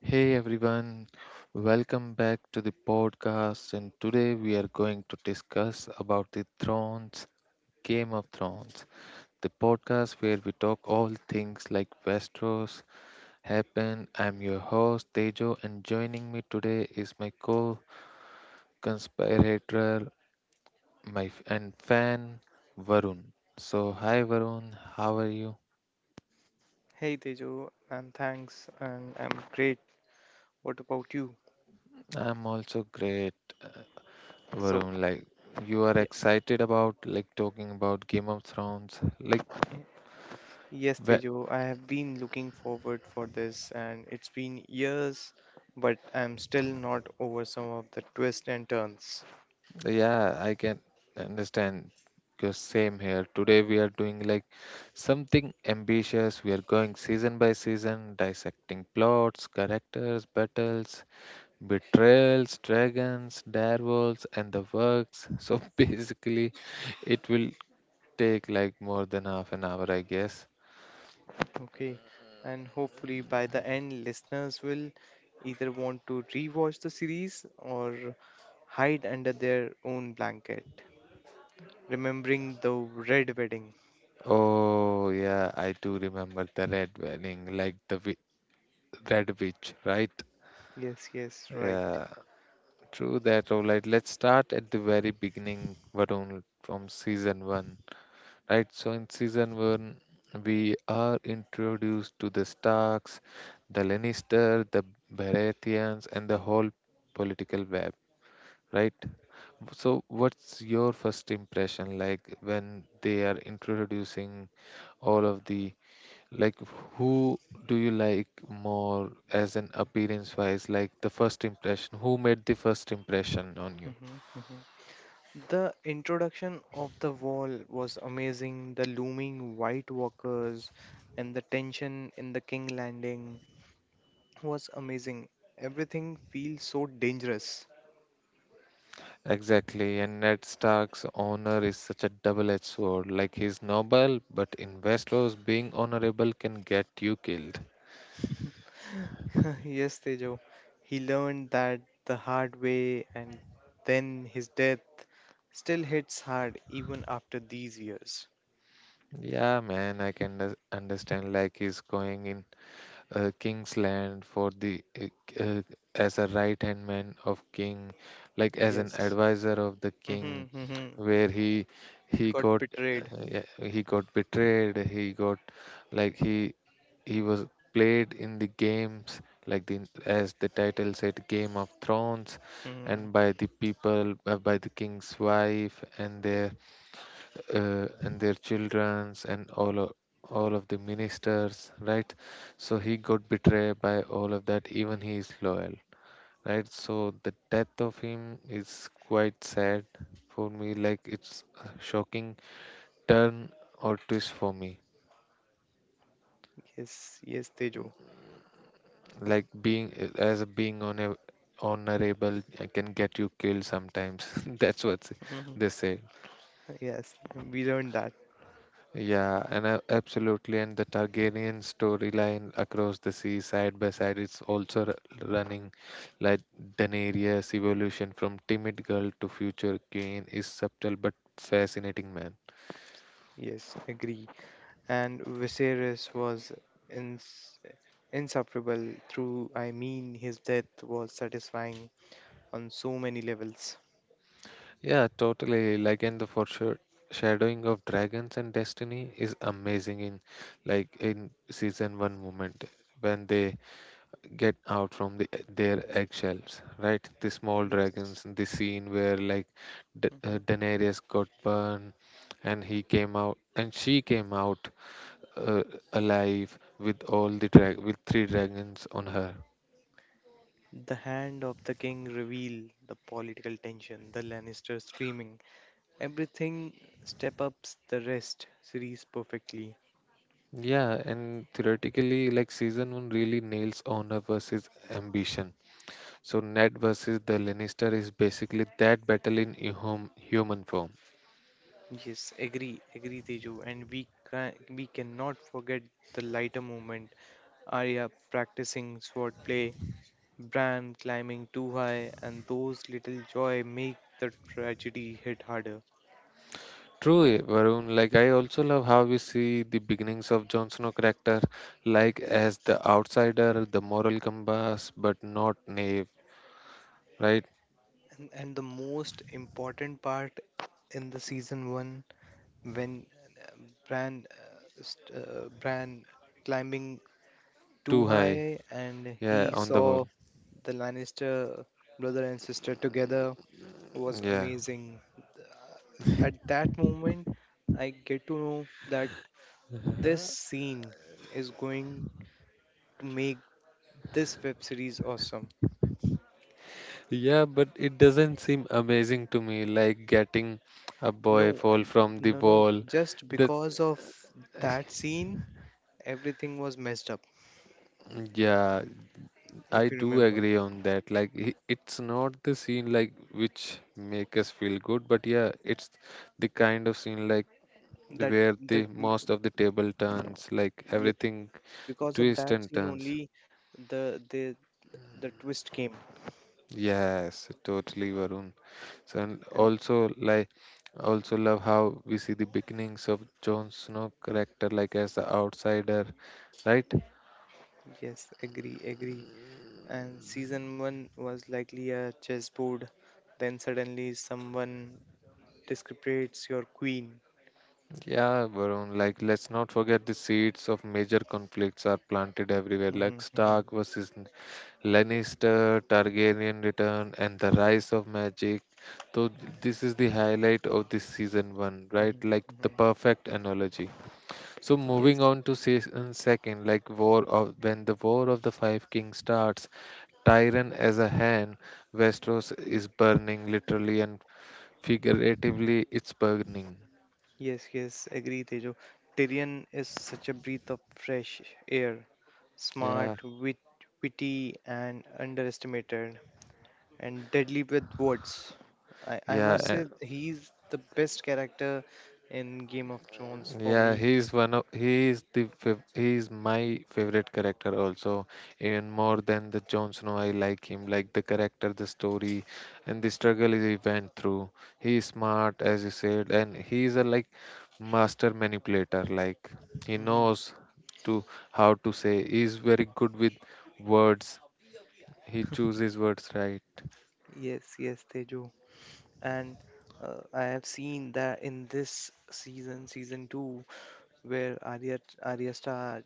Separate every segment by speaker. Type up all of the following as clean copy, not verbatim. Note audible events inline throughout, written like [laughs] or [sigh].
Speaker 1: Hey everyone, welcome back to the podcast and today we are going to discuss about the Thrones, Game of Thrones, the podcast where we talk all things like Westeros happen. I'm your host Tejo and joining me today is my co-conspirator, my f- and fan Varun. So hi Varun, how are you?
Speaker 2: Hey Tejo, and thanks, and I'm great. What about you?
Speaker 1: I'm also great.
Speaker 2: So,
Speaker 1: Varun, like you are
Speaker 2: yeah,
Speaker 1: excited about like talking about Game of Thrones. Like,
Speaker 2: yes,
Speaker 1: well,
Speaker 2: Tejo, I have been looking forward for this, and it's been years, but I'm still not over some of the twists and turns.
Speaker 1: yeah, I can understand. Because same here. Today we are doing like something ambitious. We are going season by season, dissecting plots, characters, battles, betrayals, dragons, direwolves, and the works. So [laughs] basically, it will take like more than half an hour, I guess.
Speaker 2: Okay, and hopefully by the end, listeners will either want to rewatch the series or hide under their own blanket, remembering the red wedding.
Speaker 1: Oh, yeah, I do remember the red wedding, like the red witch, right?
Speaker 2: Yes, yes, right.
Speaker 1: Yeah, true that. All right, let's start at the very beginning, Varun, from season one, right? So in season one, we are introduced to the Starks, the Lannister, the Baratheons, and the whole political web, right? So what's your first impression like when they are introducing all of the Like, who do you like more as an appearance wise? Like the first impression, who made the first impression on you?
Speaker 2: hmm The introduction of the wall was amazing. The looming white walkers and the tension in the king landing was amazing. Everything feels so dangerous.
Speaker 1: Exactly, and Ned Stark's honor is such a double-edged sword. Like he's noble, but in Westeros, being honorable can get you killed.
Speaker 2: [laughs] Yes, Tejo. He learned that the hard way, and then his death still hits hard even after these years.
Speaker 1: Yeah, man, I can understand. Like he's going in king's land for the uh, as a right hand man of king, like as an
Speaker 2: Yes.
Speaker 1: advisor of the king
Speaker 2: Mhm, mhm.
Speaker 1: where he
Speaker 2: Got
Speaker 1: got uh,
Speaker 2: betrayed.
Speaker 1: yeah, he got betrayed, he got like he was played in the games, like the as the title said game of thrones, and
Speaker 2: Mhm.
Speaker 1: by the people, by the king's wife and their childrens and all of the ministers, right? So he got betrayed by all of that even he is loyal, right? So the death of him is quite sad for me, like it's a shocking turn or twist for me.
Speaker 2: Yes, yes, Tejo.
Speaker 1: Like being, as a being on a honorable, I can get you killed sometimes [laughs] that's what
Speaker 2: [laughs] Mhm.
Speaker 1: they say.
Speaker 2: Yes, we learned that.
Speaker 1: Yeah, and absolutely. And the Targaryen storyline across the sea, side by side, it's also running, like Daenerys' evolution from timid girl to future queen is subtle but fascinating, man.
Speaker 2: Yes, agree. And Viserys was ins- inseparable through, his death was satisfying on so many levels.
Speaker 1: Yeah, totally. Like, and the foreshadowing of dragons and destiny is amazing in, like, in season one moment when they get out from their eggshells, right? The small
Speaker 2: Yes.
Speaker 1: dragons, the scene where like
Speaker 2: hmm
Speaker 1: Daenerys got burned and he came out and she came out uh, alive with all the drag with three dragons on her.
Speaker 2: The hand of the king reveal, the political tension, the Lannister screaming. Everything step ups the rest series perfectly.
Speaker 1: Yeah, and theoretically, like season one really nails honor versus ambition. So Ned versus the Lannister is basically that battle in human form.
Speaker 2: Yes, agree, agree, Teju. And we can We cannot forget the lighter moment. Arya practicing swordplay, Bran climbing too high, and those little joy make the tragedy hit harder.
Speaker 1: True, eh, Varun. Like I also love how we see the beginnings of Jon Snow character, like as the outsider, the moral compass, but not naive, right?
Speaker 2: And the most important part in the season one, when uh, Bran, Bran climbing too
Speaker 1: Too high.
Speaker 2: high, and
Speaker 1: Yeah,
Speaker 2: he
Speaker 1: on the wall.
Speaker 2: saw the Lannister brother and sister together was
Speaker 1: Yeah.
Speaker 2: amazing. At that moment, I get to know that this scene is going to make this web series awesome.
Speaker 1: Yeah, but it doesn't seem amazing to me, like getting a boy
Speaker 2: No,
Speaker 1: fall from the
Speaker 2: no, no.
Speaker 1: wall.
Speaker 2: Just
Speaker 1: This,
Speaker 2: because of that scene, everything was messed up,
Speaker 1: yeah,
Speaker 2: if
Speaker 1: I
Speaker 2: you
Speaker 1: do
Speaker 2: remember.
Speaker 1: agree on that. Like it's not the scene like which make us feel good, but yeah, it's the kind of scene like
Speaker 2: That
Speaker 1: where
Speaker 2: that
Speaker 1: the
Speaker 2: m-
Speaker 1: most of the table turns, like
Speaker 2: yeah,
Speaker 1: everything
Speaker 2: because of
Speaker 1: twists
Speaker 2: that
Speaker 1: and
Speaker 2: scene
Speaker 1: turns.
Speaker 2: only the the the twist came.
Speaker 1: Yes, totally, Varun. So, and
Speaker 2: And
Speaker 1: also like also love how we see the beginnings of Jon Snow character like as the outsider, right?
Speaker 2: yes, agree, agree. And season one was likely a chessboard, then suddenly someone discrepates your queen.
Speaker 1: Yeah, Varun, like let's not forget the seeds of major conflicts are planted everywhere,
Speaker 2: hmm
Speaker 1: like
Speaker 2: hmm
Speaker 1: Stark versus Lannister, Targaryen return, and the rise of magic. So this is the highlight of this season one,
Speaker 2: hmm
Speaker 1: right? Like the
Speaker 2: hmm
Speaker 1: perfect analogy. So moving
Speaker 2: Yes.
Speaker 1: on to season second, like War of when the War of the Five Kings starts, Tyrion as a hand, Westeros is burning literally and figuratively. It's burning.
Speaker 2: Yes, yes, agree, Tejo. Tyrion is such a breath of fresh air,
Speaker 1: Yeah.
Speaker 2: smart, witty, and underestimated, and deadly with words. I must
Speaker 1: Yeah,
Speaker 2: say, he's the best character in Game of Thrones for
Speaker 1: Yeah,
Speaker 2: me.
Speaker 1: he's one of he's my favorite character also. Even more than the Jon Snow, I like him. Like the character, the story, and the struggle he went through. He's smart, as you said, and he's a like master manipulator. Like he
Speaker 2: Mhm.
Speaker 1: knows to how to say. He's very good with words. He chooses words right.
Speaker 2: Yes, yes, Tejo. And I have seen that in this season, season two, where Arya Arya Star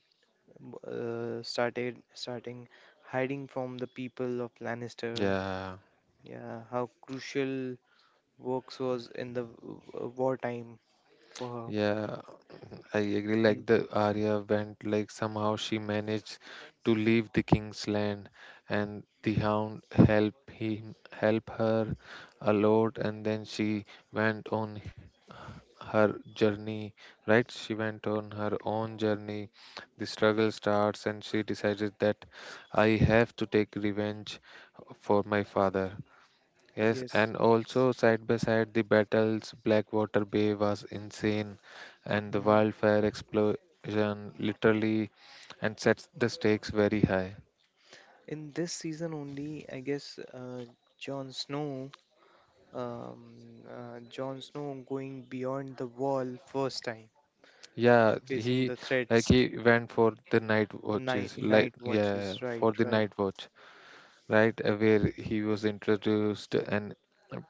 Speaker 2: uh, started starting hiding from the people of Lannister.
Speaker 1: Yeah,
Speaker 2: Yeah, how crucial works was in the wartime for her.
Speaker 1: yeah. I agree.
Speaker 2: And
Speaker 1: Like the Arya went, like somehow she managed to leave the king's land, and the hound help him help her a lot, and then she went on her journey. Right? She went on her own journey. The struggle starts, and she decided that I have to take revenge for my father. Yes,
Speaker 2: yes,
Speaker 1: and
Speaker 2: yes.
Speaker 1: also side by side, the battles, Blackwater Bay was insane, and the
Speaker 2: Mhm.
Speaker 1: wildfire explosion literally and sets the stakes very high.
Speaker 2: In this season only, I guess Jon Snow, um, Jon Snow going beyond the wall first time,
Speaker 1: Yeah,
Speaker 2: facing
Speaker 1: he
Speaker 2: the
Speaker 1: like
Speaker 2: threats,
Speaker 1: he went for the night
Speaker 2: night
Speaker 1: watches, like
Speaker 2: night
Speaker 1: yeah,
Speaker 2: watches. Right,
Speaker 1: for the
Speaker 2: right.
Speaker 1: night watch, right? Where he was introduced and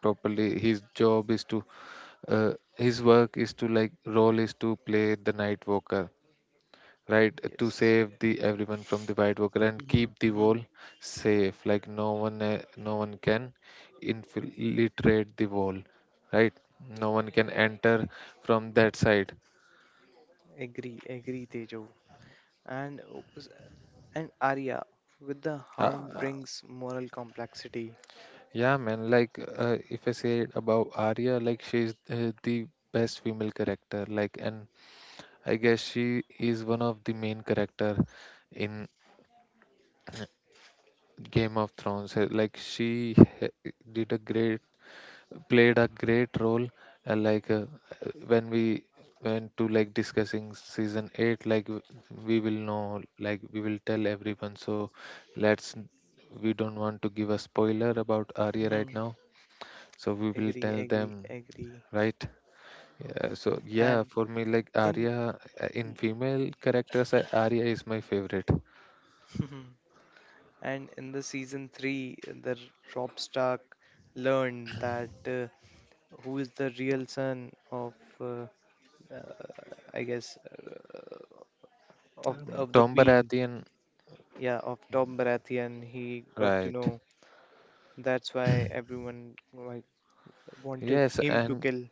Speaker 1: properly his job is to his work is to like role is to play the night walker, right, to
Speaker 2: Yes.
Speaker 1: save the everyone from the white worker and
Speaker 2: Mm-hmm,
Speaker 1: keep the
Speaker 2: mm-hmm.
Speaker 1: wall safe, like no one can infiltrate the wall, right? No one can enter from that side.
Speaker 2: Agree, agree, Tejo. And uh, s- And Arya with the
Speaker 1: uh,
Speaker 2: hound
Speaker 1: uh,
Speaker 2: brings moral complexity.
Speaker 1: yeah, man, like if I say it about Arya, like she's the best female character, like, and I guess she is one of the main character in Game of Thrones. Like she h- did a great played a great role, uh, like uh, when we went to like discussing season 8, like we will know, like we will tell everyone. So let's, we don't want to give a spoiler about Arya
Speaker 2: Hmm.
Speaker 1: right now, so we will
Speaker 2: Agree,
Speaker 1: tell them,
Speaker 2: agree, agree.
Speaker 1: right? Yeah, so yeah,
Speaker 2: And
Speaker 1: for me like
Speaker 2: in
Speaker 1: Arya, in female characters, Arya is my favorite.
Speaker 2: [laughs] and in the season three, the Rob Stark learned that who is the real son of uh, I guess uh, of of the
Speaker 1: Tom
Speaker 2: Queen.
Speaker 1: Baratheon,
Speaker 2: Yeah, of Tom Baratheon. He got to
Speaker 1: right?
Speaker 2: know. That's why everyone like wanted
Speaker 1: Yes,
Speaker 2: him to
Speaker 1: and
Speaker 2: kill.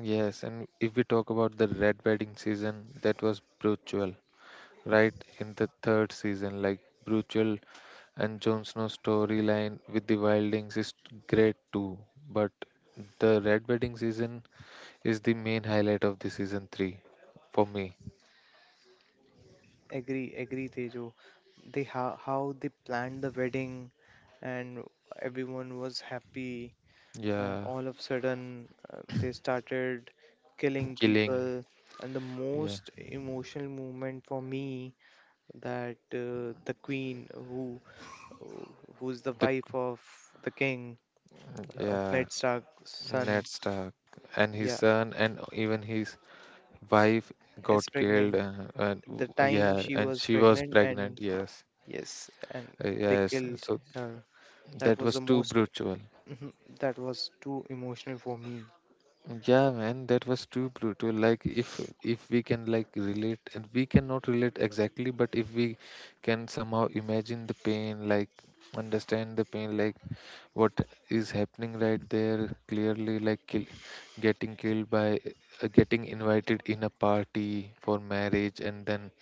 Speaker 1: yes, and if we talk about the red wedding season, that was brutal, right? In the third season, like brutal, and Jon Snow storyline with the Wildlings is great too. But the red wedding season is the main highlight of the season three for me.
Speaker 2: Agree, agree, Tejo. They how They planned the wedding, and everyone was happy, and
Speaker 1: Yeah,
Speaker 2: all of a sudden they started killing
Speaker 1: killing.
Speaker 2: people. And the
Speaker 1: Yeah,
Speaker 2: most emotional moment for me, that the queen who, who's the
Speaker 1: the
Speaker 2: wife of the king, of
Speaker 1: yeah
Speaker 2: Ned Stark's
Speaker 1: Ned
Speaker 2: son,
Speaker 1: Stark and his
Speaker 2: yeah,
Speaker 1: son and even his wife
Speaker 2: is
Speaker 1: got killed.
Speaker 2: pregnant.
Speaker 1: And
Speaker 2: The time
Speaker 1: yeah,
Speaker 2: she
Speaker 1: and
Speaker 2: was
Speaker 1: she was
Speaker 2: pregnant, and
Speaker 1: pregnant. Yes.
Speaker 2: yes, and they
Speaker 1: Yes,
Speaker 2: killed
Speaker 1: so
Speaker 2: her. That
Speaker 1: that
Speaker 2: was
Speaker 1: was
Speaker 2: the
Speaker 1: too
Speaker 2: most...
Speaker 1: brutal.
Speaker 2: Mhm. That was too emotional for me.
Speaker 1: Yeah, man, that was too brutal. Like if we can like relate, and we cannot relate exactly, but if we can somehow imagine the pain, like understand the pain, like what is happening right there, clearly, like kill, getting killed by getting invited in a party for marriage, and then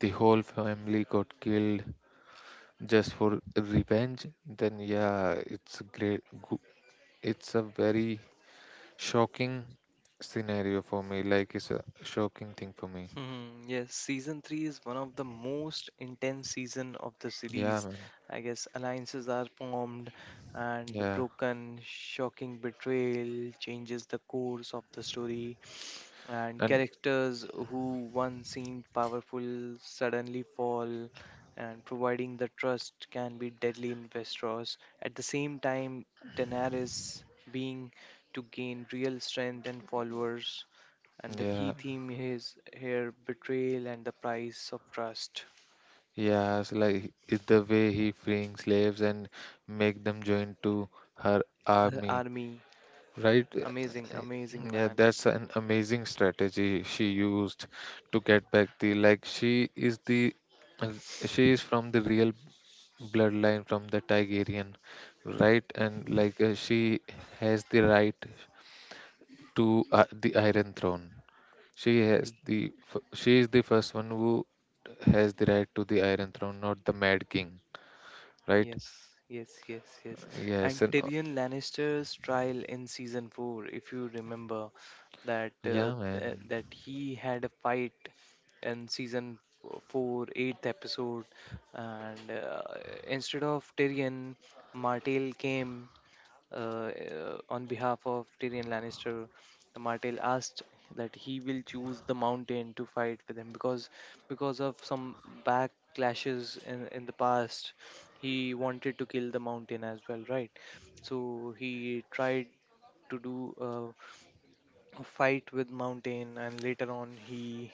Speaker 1: the whole family got killed just for revenge, then yeah, it's great, it's a very shocking scenario for me. Like it's a shocking thing for me.
Speaker 2: Hmm, yes, season 3 is one of the most intense season of the
Speaker 1: Yeah,
Speaker 2: series.
Speaker 1: man.
Speaker 2: I guess alliances are formed and
Speaker 1: Yeah.
Speaker 2: broken, shocking betrayal changes the course of the story, and
Speaker 1: And
Speaker 2: characters who once seemed powerful suddenly fall, and providing the trust can be deadly in Westeros. At the same time, Daenerys being to gain real strength and followers. And the key
Speaker 1: yeah,
Speaker 2: theme is here betrayal and the price of trust.
Speaker 1: yeah, it's like it's the way he freeing slaves and make them join to her army,
Speaker 2: Army,
Speaker 1: right?
Speaker 2: amazing, amazing,
Speaker 1: Yeah,
Speaker 2: man.
Speaker 1: that's an amazing strategy she used to get back the like she is the uh, she is from the real bloodline from the Tigerian, right? And like she has the right, to the Iron Throne.
Speaker 2: Agree.
Speaker 1: She is the first one who has the right to the Iron Throne, not the Mad King, right?
Speaker 2: Yes, yes, yes, yes.
Speaker 1: Yes,
Speaker 2: And
Speaker 1: and
Speaker 2: Tyrion Lannister's trial in season four, if you remember, that
Speaker 1: yeah, man,
Speaker 2: that he had a fight in season four, eighth episode, and instead of Tyrion, Martell came, on behalf of Tyrion Lannister. Martell asked that he will choose the mountain to fight with him because of some backlashes in the past, he wanted to kill the mountain as well, right? So he tried to do a fight with mountain, and later on he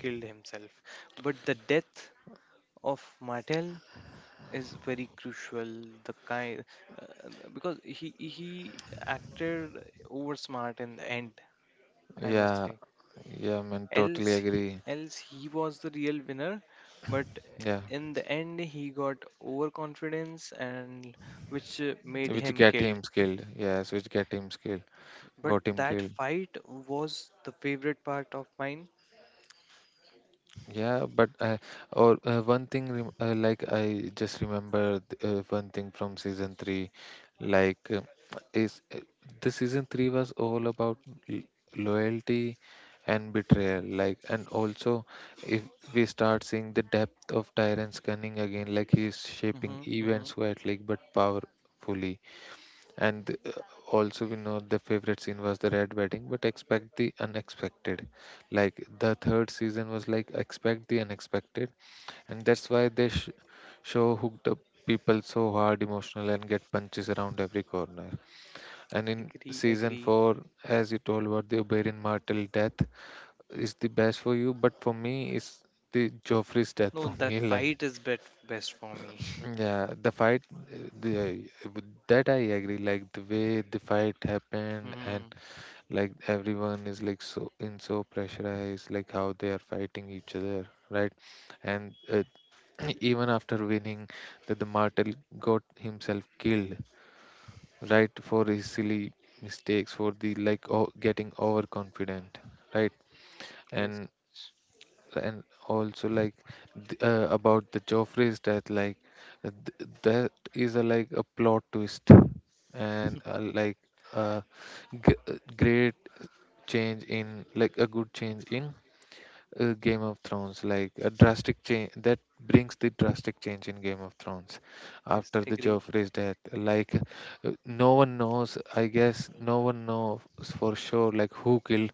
Speaker 2: killed himself. But the death of Martell is very crucial, the kind because he acted over smart in the end, I must
Speaker 1: yeah,
Speaker 2: say.
Speaker 1: yeah, man, totally
Speaker 2: Else he,
Speaker 1: agree.
Speaker 2: else he was the real winner, but
Speaker 1: Yeah,
Speaker 2: in the end he got overconfidence, and which made
Speaker 1: which
Speaker 2: him
Speaker 1: get
Speaker 2: killed.
Speaker 1: him killed. Yes, which get him killed,
Speaker 2: But
Speaker 1: got him
Speaker 2: that
Speaker 1: killed.
Speaker 2: fight was the favorite part of mine.
Speaker 1: Yeah, but or one thing rem like I just remember one thing from season three, like is the season three was all about l- loyalty and betrayal, like, and also if we start seeing the depth of Tyrant's cunning again, like he is
Speaker 2: Mm-hmm,
Speaker 1: shaping
Speaker 2: mm-hmm.
Speaker 1: events quietly but powerfully, and also you know the favorite scene was the red wedding but expect the unexpected, like the third season was like expect the unexpected, and that's why they show hooked up people so hard emotional and get punches around every corner. And in
Speaker 2: Agree,
Speaker 1: season
Speaker 2: agree.
Speaker 1: 4, as you told about the Oberyn Martell death is the best for you, but for me it's the Joffrey's death
Speaker 2: No,
Speaker 1: for me
Speaker 2: that
Speaker 1: [laughs] like
Speaker 2: best for me.
Speaker 1: yeah, the fight, the with that I agree. Like the way the fight
Speaker 2: [laughs]
Speaker 1: happened, and
Speaker 2: Mm-hmm.
Speaker 1: like everyone is like so pressurized, like how they are fighting each other, right? And [clears throat] even after winning, that the martel got himself killed, right, for his silly mistakes, for the like o getting overconfident, right?
Speaker 2: Yes,
Speaker 1: And also like about the Joffrey's death, like that is a like a plot twist, and a great change in, like a good change in, Game of Thrones, like a drastic change that brings the drastic change in Game of Thrones
Speaker 2: yes,
Speaker 1: after the
Speaker 2: agree.
Speaker 1: Joffrey's death. Like no one knows, I guess no one knows for sure like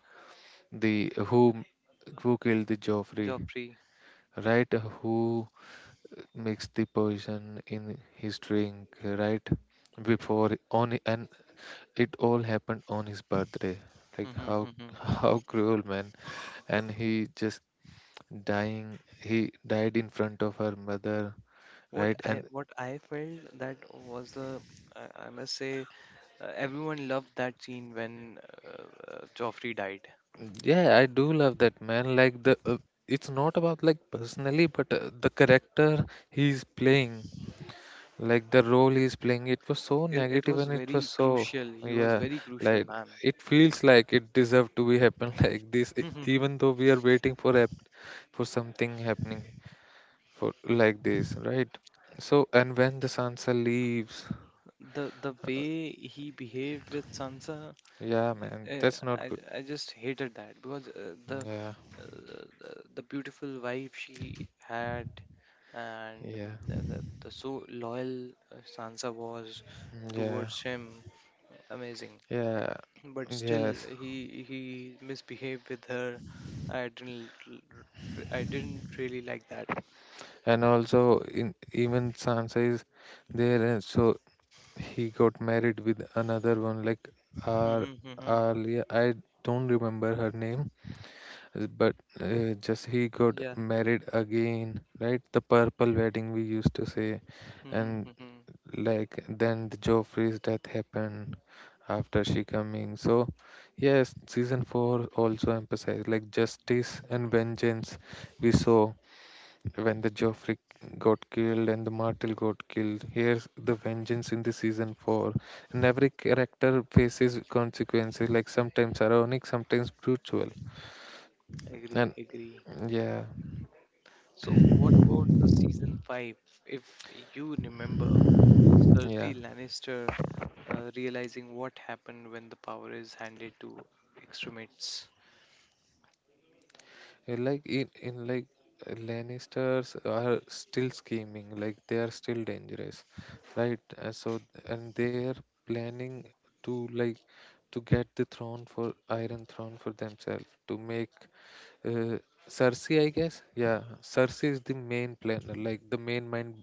Speaker 1: the who who killed the Joffrey,
Speaker 2: Joffrey.
Speaker 1: right? Who makes the poison in his drink, right? Before on and It all happened on his birthday. Like
Speaker 2: Mhm,
Speaker 1: how
Speaker 2: mhm.
Speaker 1: [laughs] how cruel, man! And he just dying. He died in front of her mother, right? And
Speaker 2: What I felt that was the I must say, everyone loved that scene when uh, Joffrey died.
Speaker 1: yeah, I do love that man. Like the it's not about like personally, but the character he's playing. Like the role he's playing, it was so
Speaker 2: It
Speaker 1: negative
Speaker 2: was
Speaker 1: and it was
Speaker 2: very
Speaker 1: so
Speaker 2: crucial. He was
Speaker 1: yeah,
Speaker 2: very crucial,
Speaker 1: like
Speaker 2: man.
Speaker 1: it feels like it deserved to be happen [laughs] like this
Speaker 2: [laughs]
Speaker 1: even though we are waiting for a for something happening for like this, right? So and when the Sansa leaves,
Speaker 2: The way he behaved with Sansa,
Speaker 1: yeah man,
Speaker 2: uh,
Speaker 1: that's not good.
Speaker 2: I just hated that, because
Speaker 1: Yeah,
Speaker 2: uh, the beautiful wife she had, and
Speaker 1: yeah,
Speaker 2: the so loyal Sansa was
Speaker 1: yeah,
Speaker 2: towards him, amazing.
Speaker 1: yeah,
Speaker 2: But still
Speaker 1: yes.
Speaker 2: he he misbehaved with her. I didn't l- r- i didn't really like that.
Speaker 1: And also in even Sansa is there, and so he got married with another one. Like Ar
Speaker 2: hmm hmm
Speaker 1: Alia. I don't remember her name, but just he got
Speaker 2: yeah
Speaker 1: married again, right? The purple wedding we used to say,
Speaker 2: hmm
Speaker 1: and
Speaker 2: hmm
Speaker 1: like then the Joffrey's death happened after she coming. So yes, season four also emphasized like justice and vengeance. We saw when the Joffrey got killed and the Martel got killed. Here's the vengeance in the season four, and every character faces consequences, like sometimes ironic, sometimes brutal.
Speaker 2: Agree,
Speaker 1: And
Speaker 2: agree.
Speaker 1: yeah,
Speaker 2: So what about the season 5? If you remember, Cersei
Speaker 1: yeah.
Speaker 2: Lannister, realizing what happened when the power is handed to extremists.
Speaker 1: Like in like Lannisters are still scheming, like they are still dangerous, right? So and they are planning to, like, to get the throne for Iron Throne for themselves to make uh, Cersei, I guess. Yeah, Cersei is the main planner, like the main mind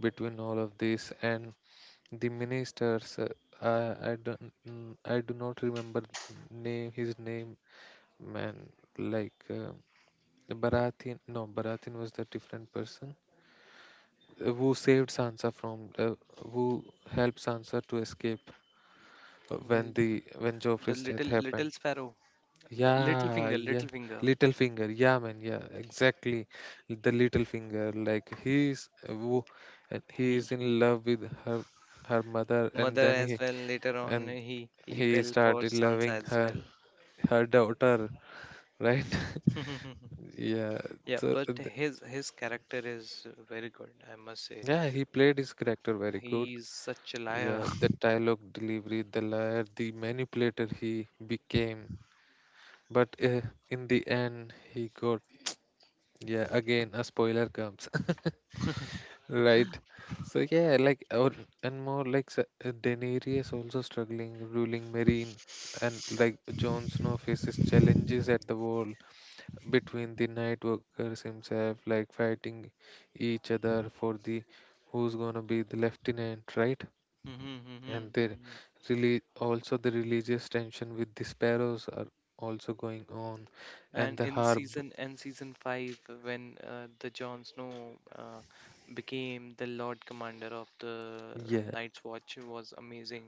Speaker 1: between all of this, and the ministers. I don't, I do not remember name his name, man. Like Baratheon. No, Baratheon was the different person who saved Sansa from, who helped Sansa to escape when
Speaker 2: Well,
Speaker 1: the when
Speaker 2: the
Speaker 1: Joffrey's death
Speaker 2: little
Speaker 1: happened.
Speaker 2: little sparrow, the little
Speaker 1: Yeah,
Speaker 2: finger,
Speaker 1: yeah.
Speaker 2: little finger.
Speaker 1: Little finger. Yeah, man. Yeah, exactly. The little finger. Like he's and he is
Speaker 2: He
Speaker 1: in love with her her mother, and
Speaker 2: Mother
Speaker 1: then he
Speaker 2: as well, later on
Speaker 1: and
Speaker 2: he
Speaker 1: he
Speaker 2: fell for
Speaker 1: started
Speaker 2: Sansa
Speaker 1: loving
Speaker 2: as well.
Speaker 1: her daughter, right?
Speaker 2: [laughs]
Speaker 1: [laughs] Yeah.
Speaker 2: Yeah,
Speaker 1: So
Speaker 2: but
Speaker 1: th-
Speaker 2: his character is very good, I must say.
Speaker 1: yeah, he played his character very good.
Speaker 2: He is such a liar.
Speaker 1: Yeah,
Speaker 2: [laughs]
Speaker 1: the dialogue delivery, the liar, the manipulator he became. But in the end, he got yeah. Again, a spoiler comes. [laughs] Right. So yeah, like or and more like Daenerys also struggling ruling Marine, and like Jon Snow faces challenges at the wall between the Night Walkers himself, like fighting each other for the who's gonna be the lieutenant, right?
Speaker 2: Mhm,
Speaker 1: And
Speaker 2: mhm,
Speaker 1: they
Speaker 2: mhm.
Speaker 1: really also the religious tension with the Sparrows are also going on, and
Speaker 2: And
Speaker 1: the
Speaker 2: in
Speaker 1: harb.
Speaker 2: season, and season 5, when the Jon Snow became the Lord Commander of the
Speaker 1: Yeah,
Speaker 2: Night's Watch was amazing.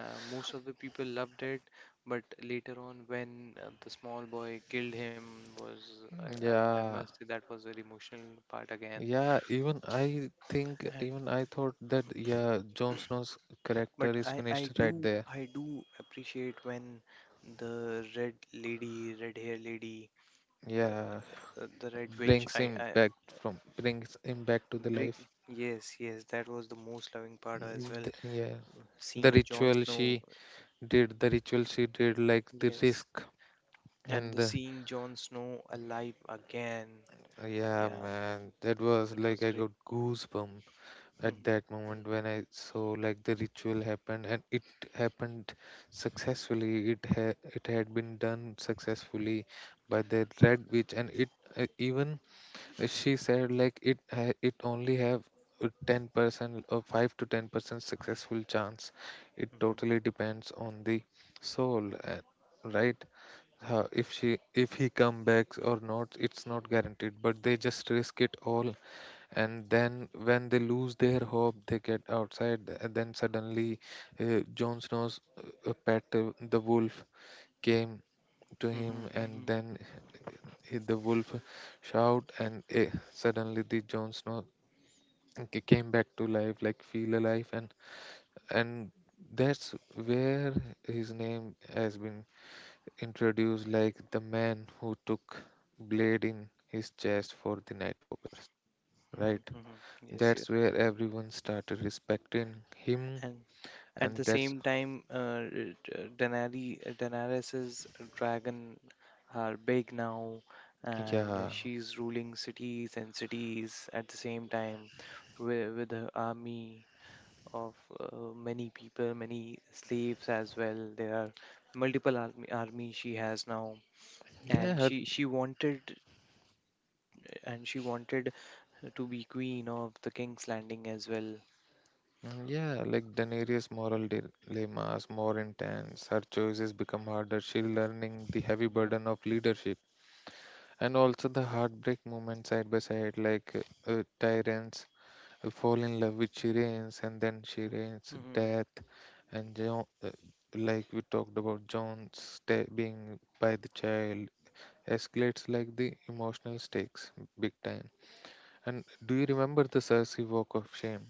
Speaker 2: Most of the people loved it, but later on, when the small boy killed him, was, I
Speaker 1: yeah.
Speaker 2: must say, that was an emotional part again.
Speaker 1: Yeah, even I think,
Speaker 2: And
Speaker 1: even I thought that, yeah, Jon Snow's
Speaker 2: but
Speaker 1: character is
Speaker 2: I
Speaker 1: finished right
Speaker 2: do
Speaker 1: there.
Speaker 2: I do appreciate when the red lady, red hair lady,
Speaker 1: Yeah,
Speaker 2: the red witch. I
Speaker 1: brings him back to the
Speaker 2: break.
Speaker 1: life.
Speaker 2: Yes, yes, that was the most loving part as well.
Speaker 1: Yeah, the
Speaker 2: Seeing Jon
Speaker 1: ritual
Speaker 2: Snow.
Speaker 1: she the ritual she did, like the
Speaker 2: Yes,
Speaker 1: risk
Speaker 2: and
Speaker 1: and
Speaker 2: the
Speaker 1: the,
Speaker 2: seeing Jon Snow alive again.
Speaker 1: yeah,
Speaker 2: Yeah,
Speaker 1: man, that was
Speaker 2: that
Speaker 1: like
Speaker 2: was
Speaker 1: I
Speaker 2: great.
Speaker 1: got goosebump. At that moment when I saw like the ritual happened and it happened successfully. It had been done successfully by the red witch, and it even she said like it only have a 10% or 5 to 10% successful chance. It
Speaker 2: Mhm.
Speaker 1: totally depends on the soul, right? How if she if he come back or not, it's not guaranteed, but they just risk it all. And then when they lose their hope, they get outside, and then suddenly Jon Snow's pet, the wolf came to
Speaker 2: Mhm,
Speaker 1: him,
Speaker 2: mhm,
Speaker 1: and then the wolf shout, and eh, suddenly the Jon Snow came back to life, like feel alive. And that's where his name has been introduced, like the man who took blade in his chest for the Nightwalkers,
Speaker 2: mhm,
Speaker 1: right?
Speaker 2: mhm. Yes, yes.
Speaker 1: That's where everyone started respecting him,
Speaker 2: And at
Speaker 1: and
Speaker 2: the
Speaker 1: that's
Speaker 2: same time, Daenerys's dragon are big now, and
Speaker 1: yeah,
Speaker 2: she's ruling cities and cities at the same time with her army of many people, many slaves as well. There are army she has now,
Speaker 1: yeah,
Speaker 2: and
Speaker 1: her,
Speaker 2: she wanted and she wanted to be queen of the King's Landing as well.
Speaker 1: yeah. Like Daenerys' moral dilemmas more intense. Her choices become harder. She's learning the heavy
Speaker 2: Mm-hmm.
Speaker 1: burden of leadership, and also the heartbreak moment side by side. Like Tyrants fall in love with Shireen, and then Shireen's
Speaker 2: Mhm.
Speaker 1: death, and Jon, like we talked about Jon being by the child escalates like the emotional stakes big time. And do you remember the Cersei walk of shame?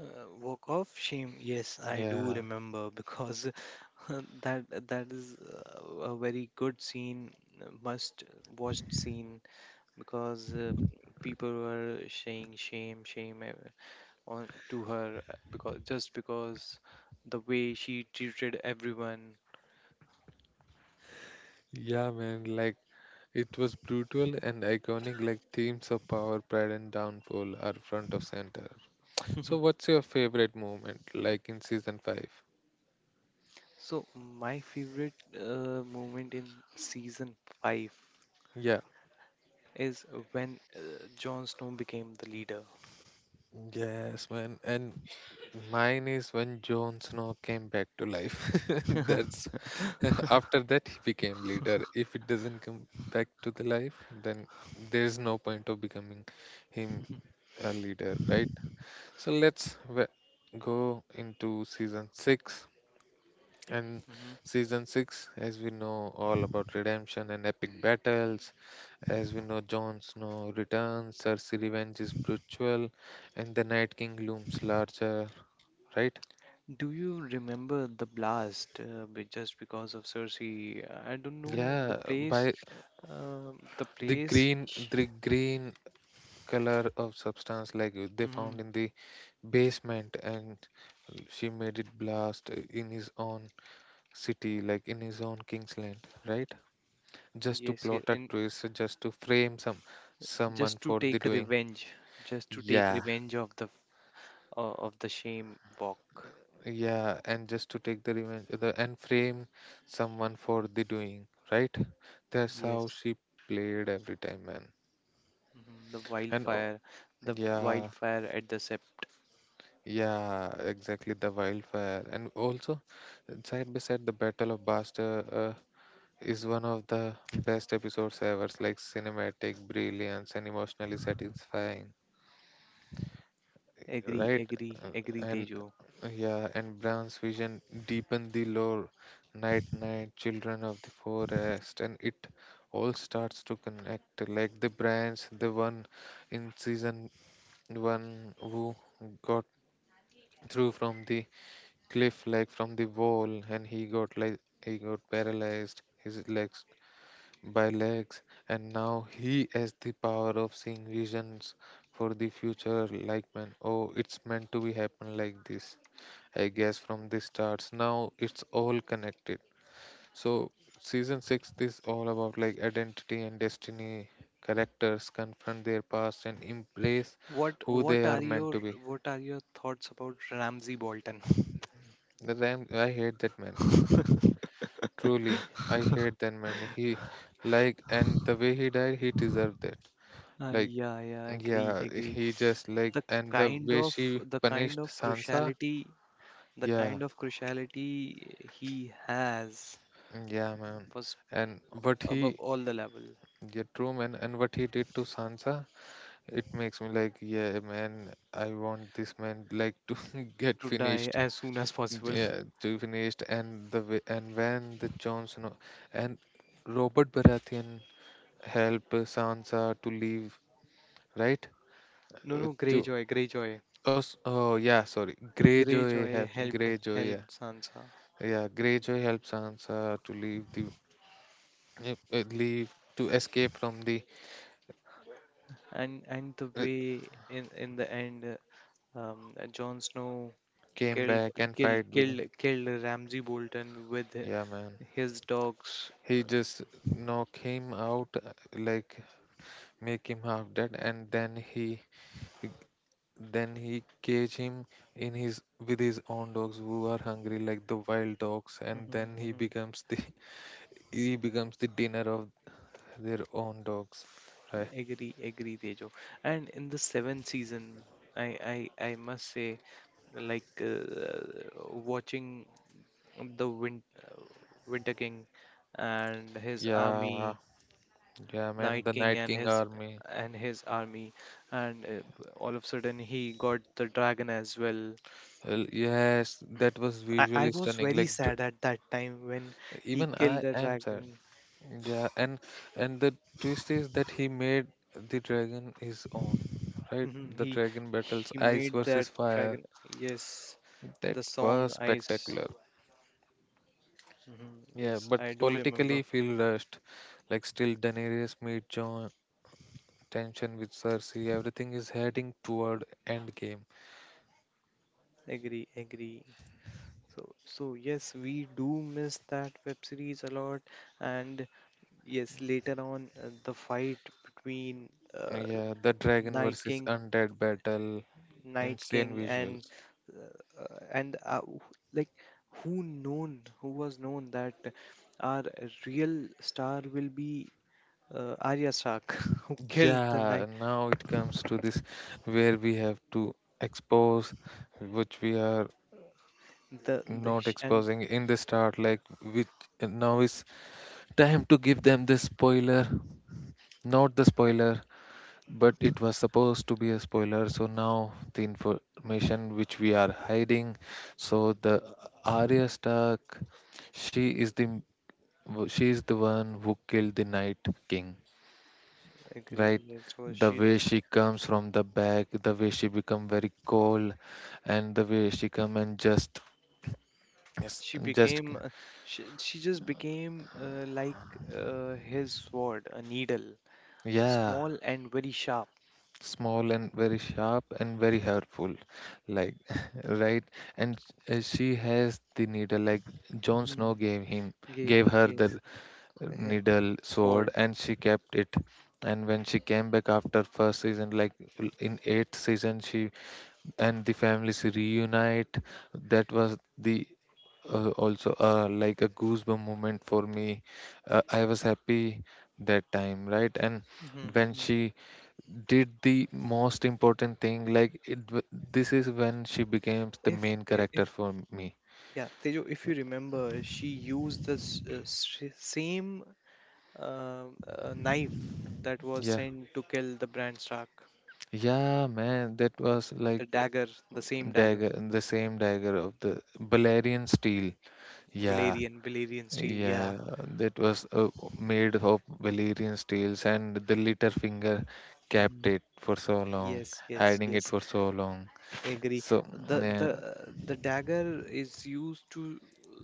Speaker 2: Walk off shame. Yes, I do
Speaker 1: Yeah,
Speaker 2: remember, because [laughs] that that is a very good scene, must watched scene, because people were saying shame, shame on to her, because the way she treated everyone.
Speaker 1: yeah, man. Like it was brutal and iconic, like themes of power, pride and downfall are front of center. So
Speaker 2: [laughs]
Speaker 1: what's your favorite moment, like, in season 5?
Speaker 2: So my favorite moment in season five
Speaker 1: Yeah,
Speaker 2: is when Jon Snow became the leader.
Speaker 1: yes, man. And mine is when Jon Snow came back to life. [laughs] That's [laughs] after
Speaker 2: [laughs]
Speaker 1: that he became leader. If it doesn't come back to the life, then there is no point of becoming him a leader, right? So go into season six. And
Speaker 2: Mhm.
Speaker 1: season six, as we know, all about redemption and epic battles. As we know, Jon Snow returns, Cersei revenge is brutal, and the Night King looms larger, right?
Speaker 2: Do you remember the blast? Be- just because of Cersei, I don't know the
Speaker 1: Yeah,
Speaker 2: place.
Speaker 1: by
Speaker 2: Um, the place.
Speaker 1: the green color of substance, like they found
Speaker 2: Mm,
Speaker 1: in the basement, and she made it blast in his own city, like in his own Kingsland, right? Just to
Speaker 2: yes,
Speaker 1: plot
Speaker 2: yes,
Speaker 1: a
Speaker 2: and
Speaker 1: twist, just to frame someone
Speaker 2: just to
Speaker 1: for the
Speaker 2: take
Speaker 1: doing.
Speaker 2: revenge, just to take
Speaker 1: Yeah.
Speaker 2: revenge of the, of the shame walk.
Speaker 1: Yeah, and just to take the revenge, the, and frame someone for the doing, right? That's how
Speaker 2: Yes,
Speaker 1: she played every time, man.
Speaker 2: mhm,
Speaker 1: And oh,
Speaker 2: the
Speaker 1: yeah,
Speaker 2: wildfire at the sep.
Speaker 1: yeah, exactly. The wildfire, and also side by side, the Battle of Buster uh, is one of the best episodes ever. Like cinematic brilliance and emotionally satisfying,
Speaker 2: Agree,
Speaker 1: right?
Speaker 2: agree,
Speaker 1: Uh,
Speaker 2: agree,
Speaker 1: And
Speaker 2: Tejo.
Speaker 1: yeah, and Brown's vision deepened the lore. Night, night, children of the forest, and it all starts to connect. Like the branch, the one in season one who got through from the cliff, like from the wall, and he got like he got paralyzed his legs by legs, and now he has the power of seeing visions for the future. Like, man, oh, it's meant to be happen like this, I guess, from the starts. Now it's all connected. So season 6 is all about like identity and destiny. Characters confront their past and embrace
Speaker 2: What
Speaker 1: who they
Speaker 2: what are
Speaker 1: are meant
Speaker 2: your
Speaker 1: to be.
Speaker 2: what are your thoughts about Ramsey Bolton?
Speaker 1: The ram, I hate that man.
Speaker 2: [laughs]
Speaker 1: Truly, I hate that man. He, like, and the way he died, he deserved that. Like,
Speaker 2: Yeah, yeah, agree,
Speaker 1: yeah,
Speaker 2: agree.
Speaker 1: he just, like,
Speaker 2: the
Speaker 1: and the
Speaker 2: kind
Speaker 1: way
Speaker 2: of
Speaker 1: she
Speaker 2: the kind
Speaker 1: punished
Speaker 2: of
Speaker 1: Sansa,
Speaker 2: cruciality the
Speaker 1: yeah,
Speaker 2: kind of cruciality he has
Speaker 1: yeah, man.
Speaker 2: was
Speaker 1: And what
Speaker 2: above
Speaker 1: he,
Speaker 2: all the level.
Speaker 1: yeah, true, man, and what he did to Sansa, it makes me like, yeah, man, I want this man, like, to [laughs] get
Speaker 2: To die
Speaker 1: finished.
Speaker 2: as soon as possible.
Speaker 1: Yeah,
Speaker 2: [laughs]
Speaker 1: to finished. And the way, and when the Jon Snow, and Robert Baratheon help Sansa to leave, right?
Speaker 2: No, no,
Speaker 1: To
Speaker 2: Greyjoy, Greyjoy,
Speaker 1: oh, oh yeah, sorry. Greyjoy
Speaker 2: greyjoy
Speaker 1: helps. Greyjoy, yeah,
Speaker 2: helped Sansa.
Speaker 1: yeah. Greyjoy helps Sansa to leave the leave to escape from the.
Speaker 2: And the
Speaker 1: Uh,
Speaker 2: way in the end, Jon Snow
Speaker 1: Came
Speaker 2: killed
Speaker 1: back and fight with him.
Speaker 2: killed Ramsay Bolton with
Speaker 1: Yeah, man.
Speaker 2: his dogs.
Speaker 1: He just knock him out, like, make him half dead, and then he- then he cage him in his with his own dogs who are hungry like the wild dogs, and then he
Speaker 2: Hmm.
Speaker 1: becomes the [laughs] he becomes the dinner of their own dogs, right?
Speaker 2: Agree, agree, Tejo. And in the seventh season, I must say, like watching the Winter King and his
Speaker 1: Yeah,
Speaker 2: army,
Speaker 1: yeah,
Speaker 2: Night
Speaker 1: man, the
Speaker 2: King
Speaker 1: Night King army.
Speaker 2: and his army, and all of a sudden he got the dragon as well.
Speaker 1: Well, yes, that was
Speaker 2: I
Speaker 1: visually
Speaker 2: was
Speaker 1: stunning.
Speaker 2: very
Speaker 1: Like
Speaker 2: sad at that time when he
Speaker 1: even
Speaker 2: killed
Speaker 1: I
Speaker 2: the
Speaker 1: am sad.
Speaker 2: dragon.
Speaker 1: Yeah, and the twist is that he made the dragon his own, right?
Speaker 2: Mhm.
Speaker 1: The dragon battles
Speaker 2: He
Speaker 1: ice
Speaker 2: made
Speaker 1: versus
Speaker 2: that
Speaker 1: fire.
Speaker 2: dragon. Yes,
Speaker 1: That
Speaker 2: the song
Speaker 1: was
Speaker 2: I s-
Speaker 1: spectacular.
Speaker 2: Mhm.
Speaker 1: Yeah,
Speaker 2: Yes,
Speaker 1: but
Speaker 2: I do remember.
Speaker 1: politically feel rushed. Like still Daenerys meet Jon, tension with Cersei, everything is heading toward endgame.
Speaker 2: Agree, agree. So, so yes, we do miss that web series a lot. And yes, later on, the fight between, uh,
Speaker 1: Yeah, the dragon
Speaker 2: Night
Speaker 1: versus
Speaker 2: King,
Speaker 1: undead battle.
Speaker 2: Night
Speaker 1: Insane
Speaker 2: King, and
Speaker 1: visuals.
Speaker 2: uh, uh, and uh, wh- like who known, who was known that our real star will be Arya Stark, [laughs] who killed the
Speaker 1: Yeah,
Speaker 2: Night.
Speaker 1: now it comes to this where we have to expose which we are
Speaker 2: The
Speaker 1: not
Speaker 2: sh- and
Speaker 1: exposing in the start, like which now is time to give them the spoiler, not the spoiler, but it was supposed to be a spoiler. So now the information which we are hiding. So the Arya Stark, she is the she is the one who killed the Night King. Right,
Speaker 2: Agree. Yes, so
Speaker 1: the
Speaker 2: she,
Speaker 1: way she comes from the back, the way she become very cold, and the way she come and just yes
Speaker 2: she
Speaker 1: and just
Speaker 2: became uh, she just became his sword a needle,
Speaker 1: yeah,
Speaker 2: small and very sharp.
Speaker 1: small and very sharp and very hurtful, like [laughs] right. And she has the needle like Jon
Speaker 2: Mm-hmm.
Speaker 1: Snow
Speaker 2: Gave,
Speaker 1: gave her the
Speaker 2: yes. [laughs]
Speaker 1: needle sword,
Speaker 2: Sword.
Speaker 1: and she kept it. And when she came back after first season, like in eighth season she and the families reunite, that was the also like a goosebump moment for me. I was happy that time, right? And when
Speaker 2: Mm-hmm.
Speaker 1: she did the most important thing, like this is when she becomes the
Speaker 2: if
Speaker 1: main
Speaker 2: I-
Speaker 1: character
Speaker 2: if
Speaker 1: for me.
Speaker 2: Yeah, Tejo, if you remember, she used this s- same knife that was
Speaker 1: Yeah,
Speaker 2: sent to kill the Bran Stark,
Speaker 1: yeah, man, that was like
Speaker 2: the dagger, the same dagger,
Speaker 1: dagger, the same dagger of the Balerian steel. Yeah,
Speaker 2: Valerian, Valerian steel, yeah.
Speaker 1: yeah, that was made of Valerian's tails, and the little finger
Speaker 2: hmm
Speaker 1: kept it for so long,
Speaker 2: yes, yes,
Speaker 1: hiding it
Speaker 2: yes.
Speaker 1: for so long.
Speaker 2: Agree.
Speaker 1: So, yeah,
Speaker 2: The dagger is used to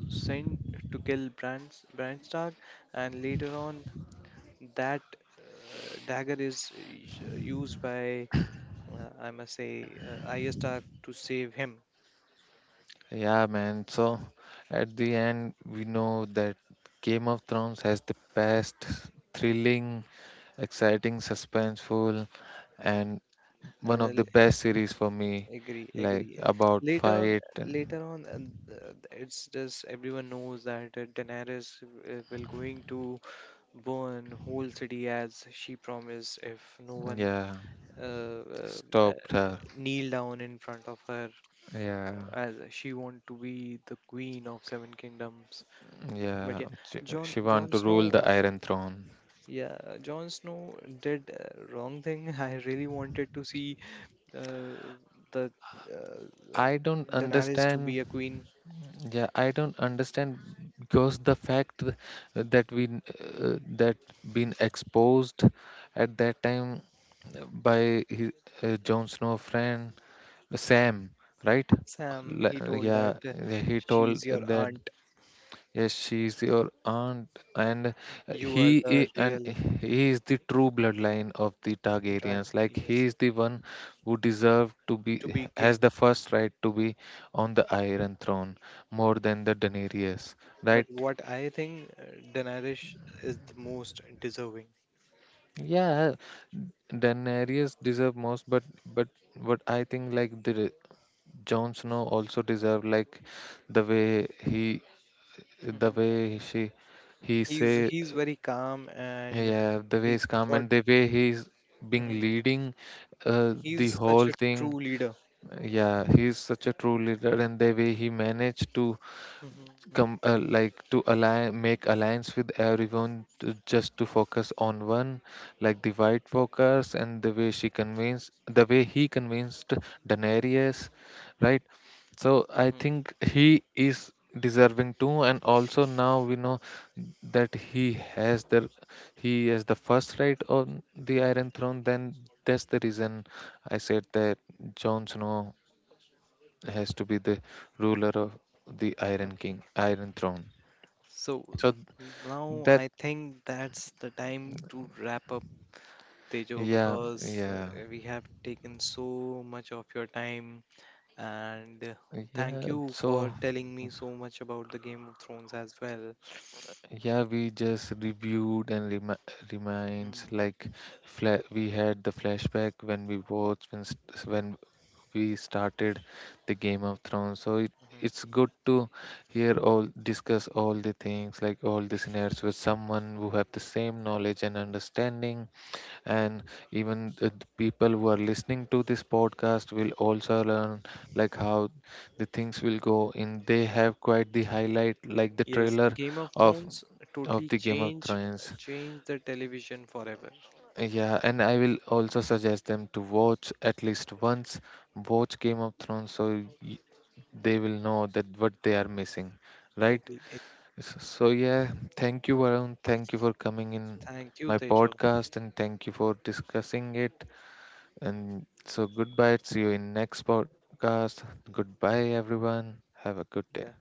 Speaker 2: send to kill Bran, Bran Stark, and later on that dagger is used by, I must say, Arya Stark to save him.
Speaker 1: yeah, man. So, at the end, we know that Game of Thrones has the best thrilling, exciting, suspenseful, and one of the
Speaker 2: And
Speaker 1: best series for me,
Speaker 2: I'll agree,
Speaker 1: like
Speaker 2: agree.
Speaker 1: about
Speaker 2: Later on,
Speaker 1: fight and
Speaker 2: later on, and it's just everyone knows that Daenerys will going to burn whole city as she promised if no one
Speaker 1: yeah,
Speaker 2: uh, uh,
Speaker 1: stopped her.
Speaker 2: kneel down in front of her,
Speaker 1: Yeah.
Speaker 2: as she want to be the queen of seven kingdoms. But
Speaker 1: Yeah,
Speaker 2: yeah, john
Speaker 1: she want
Speaker 2: john
Speaker 1: to rule
Speaker 2: snow
Speaker 1: the Iron Throne.
Speaker 2: yeah john Snow did wrong thing. [laughs] I really wanted to see, uh, the uh,
Speaker 1: I don't
Speaker 2: Daenerys to
Speaker 1: understand.
Speaker 2: be a queen.
Speaker 1: Yeah, I don't understand because the fact that that been exposed at that time by his, Jon Snow friend Sam, right?
Speaker 2: Sam he told that,
Speaker 1: Yeah, he told
Speaker 2: she's your
Speaker 1: that
Speaker 2: aunt,
Speaker 1: yes, she is your aunt. And
Speaker 2: you are the
Speaker 1: and
Speaker 2: real
Speaker 1: he is the true bloodline of the Targaryens.
Speaker 2: dragon,
Speaker 1: Like he
Speaker 2: yes,
Speaker 1: is the one who deserved to be
Speaker 2: to be
Speaker 1: has
Speaker 2: king.
Speaker 1: the first right to be on the Iron Throne more than the Daenerys,
Speaker 2: But
Speaker 1: right?
Speaker 2: what I think, Daenerys is the most deserving.
Speaker 1: Yeah, Daenerys deserve most, but but I think like the Jon Snow also deserve, like the way he the
Speaker 2: Mhm.
Speaker 1: way she he
Speaker 2: He's
Speaker 1: say
Speaker 2: he's very calm and
Speaker 1: yeah, the way
Speaker 2: he
Speaker 1: he's come
Speaker 2: thought.
Speaker 1: and the way he's being
Speaker 2: Mhm.
Speaker 1: leading the
Speaker 2: He's such
Speaker 1: whole
Speaker 2: a
Speaker 1: thing.
Speaker 2: true leader.
Speaker 1: Yeah, he's such a true leader, and the way he managed to
Speaker 2: hmm
Speaker 1: come like to align make alliance with everyone to, just to focus on one like the white walkers, and the way she convinced, the way he convinced Daenerys, right? So I
Speaker 2: hmm
Speaker 1: think he is deserving too, and also now we know that he has the first right on the Iron
Speaker 2: hmm
Speaker 1: Throne. Then that's the reason I said that Jon Snow has to be the ruler of the Iron
Speaker 2: Okay,
Speaker 1: King,
Speaker 2: okay.
Speaker 1: Iron Throne.
Speaker 2: So
Speaker 1: So
Speaker 2: now
Speaker 1: that,
Speaker 2: I think that's the time to wrap up, Tejo,
Speaker 1: yeah,
Speaker 2: because
Speaker 1: yeah,
Speaker 2: we have taken so much of your time, and thank
Speaker 1: yeah.
Speaker 2: you
Speaker 1: So
Speaker 2: for telling me so much about the Game of Thrones as well.
Speaker 1: yeah, we just reviewed and reminds
Speaker 2: Mhm,
Speaker 1: like
Speaker 2: mhm,
Speaker 1: fla we had the flashback when we watched when we started the Game of Thrones. So
Speaker 2: mhm.
Speaker 1: it's good to hear all discuss all the things like all the scenarios with someone who have the same knowledge and understanding. And even the people who are listening to this podcast will also learn like how the things will go, and they have quite the highlight, like the
Speaker 2: Yes,
Speaker 1: trailer
Speaker 2: Game of
Speaker 1: of
Speaker 2: Thrones
Speaker 1: of
Speaker 2: totally
Speaker 1: the Game of Thrones.
Speaker 2: changed the television forever.
Speaker 1: Yeah, and I will also suggest them to watch at least once, watch Game of Thrones. So y- they will know that what they are missing, right?
Speaker 2: Agree.
Speaker 1: So yeah, thank you Varun, thank you for coming in
Speaker 2: Thank you,
Speaker 1: my
Speaker 2: Tejo.
Speaker 1: podcast, and thank you for discussing it. And so, goodbye. See you in next podcast. Goodbye, everyone. Have a good day.
Speaker 2: Yeah.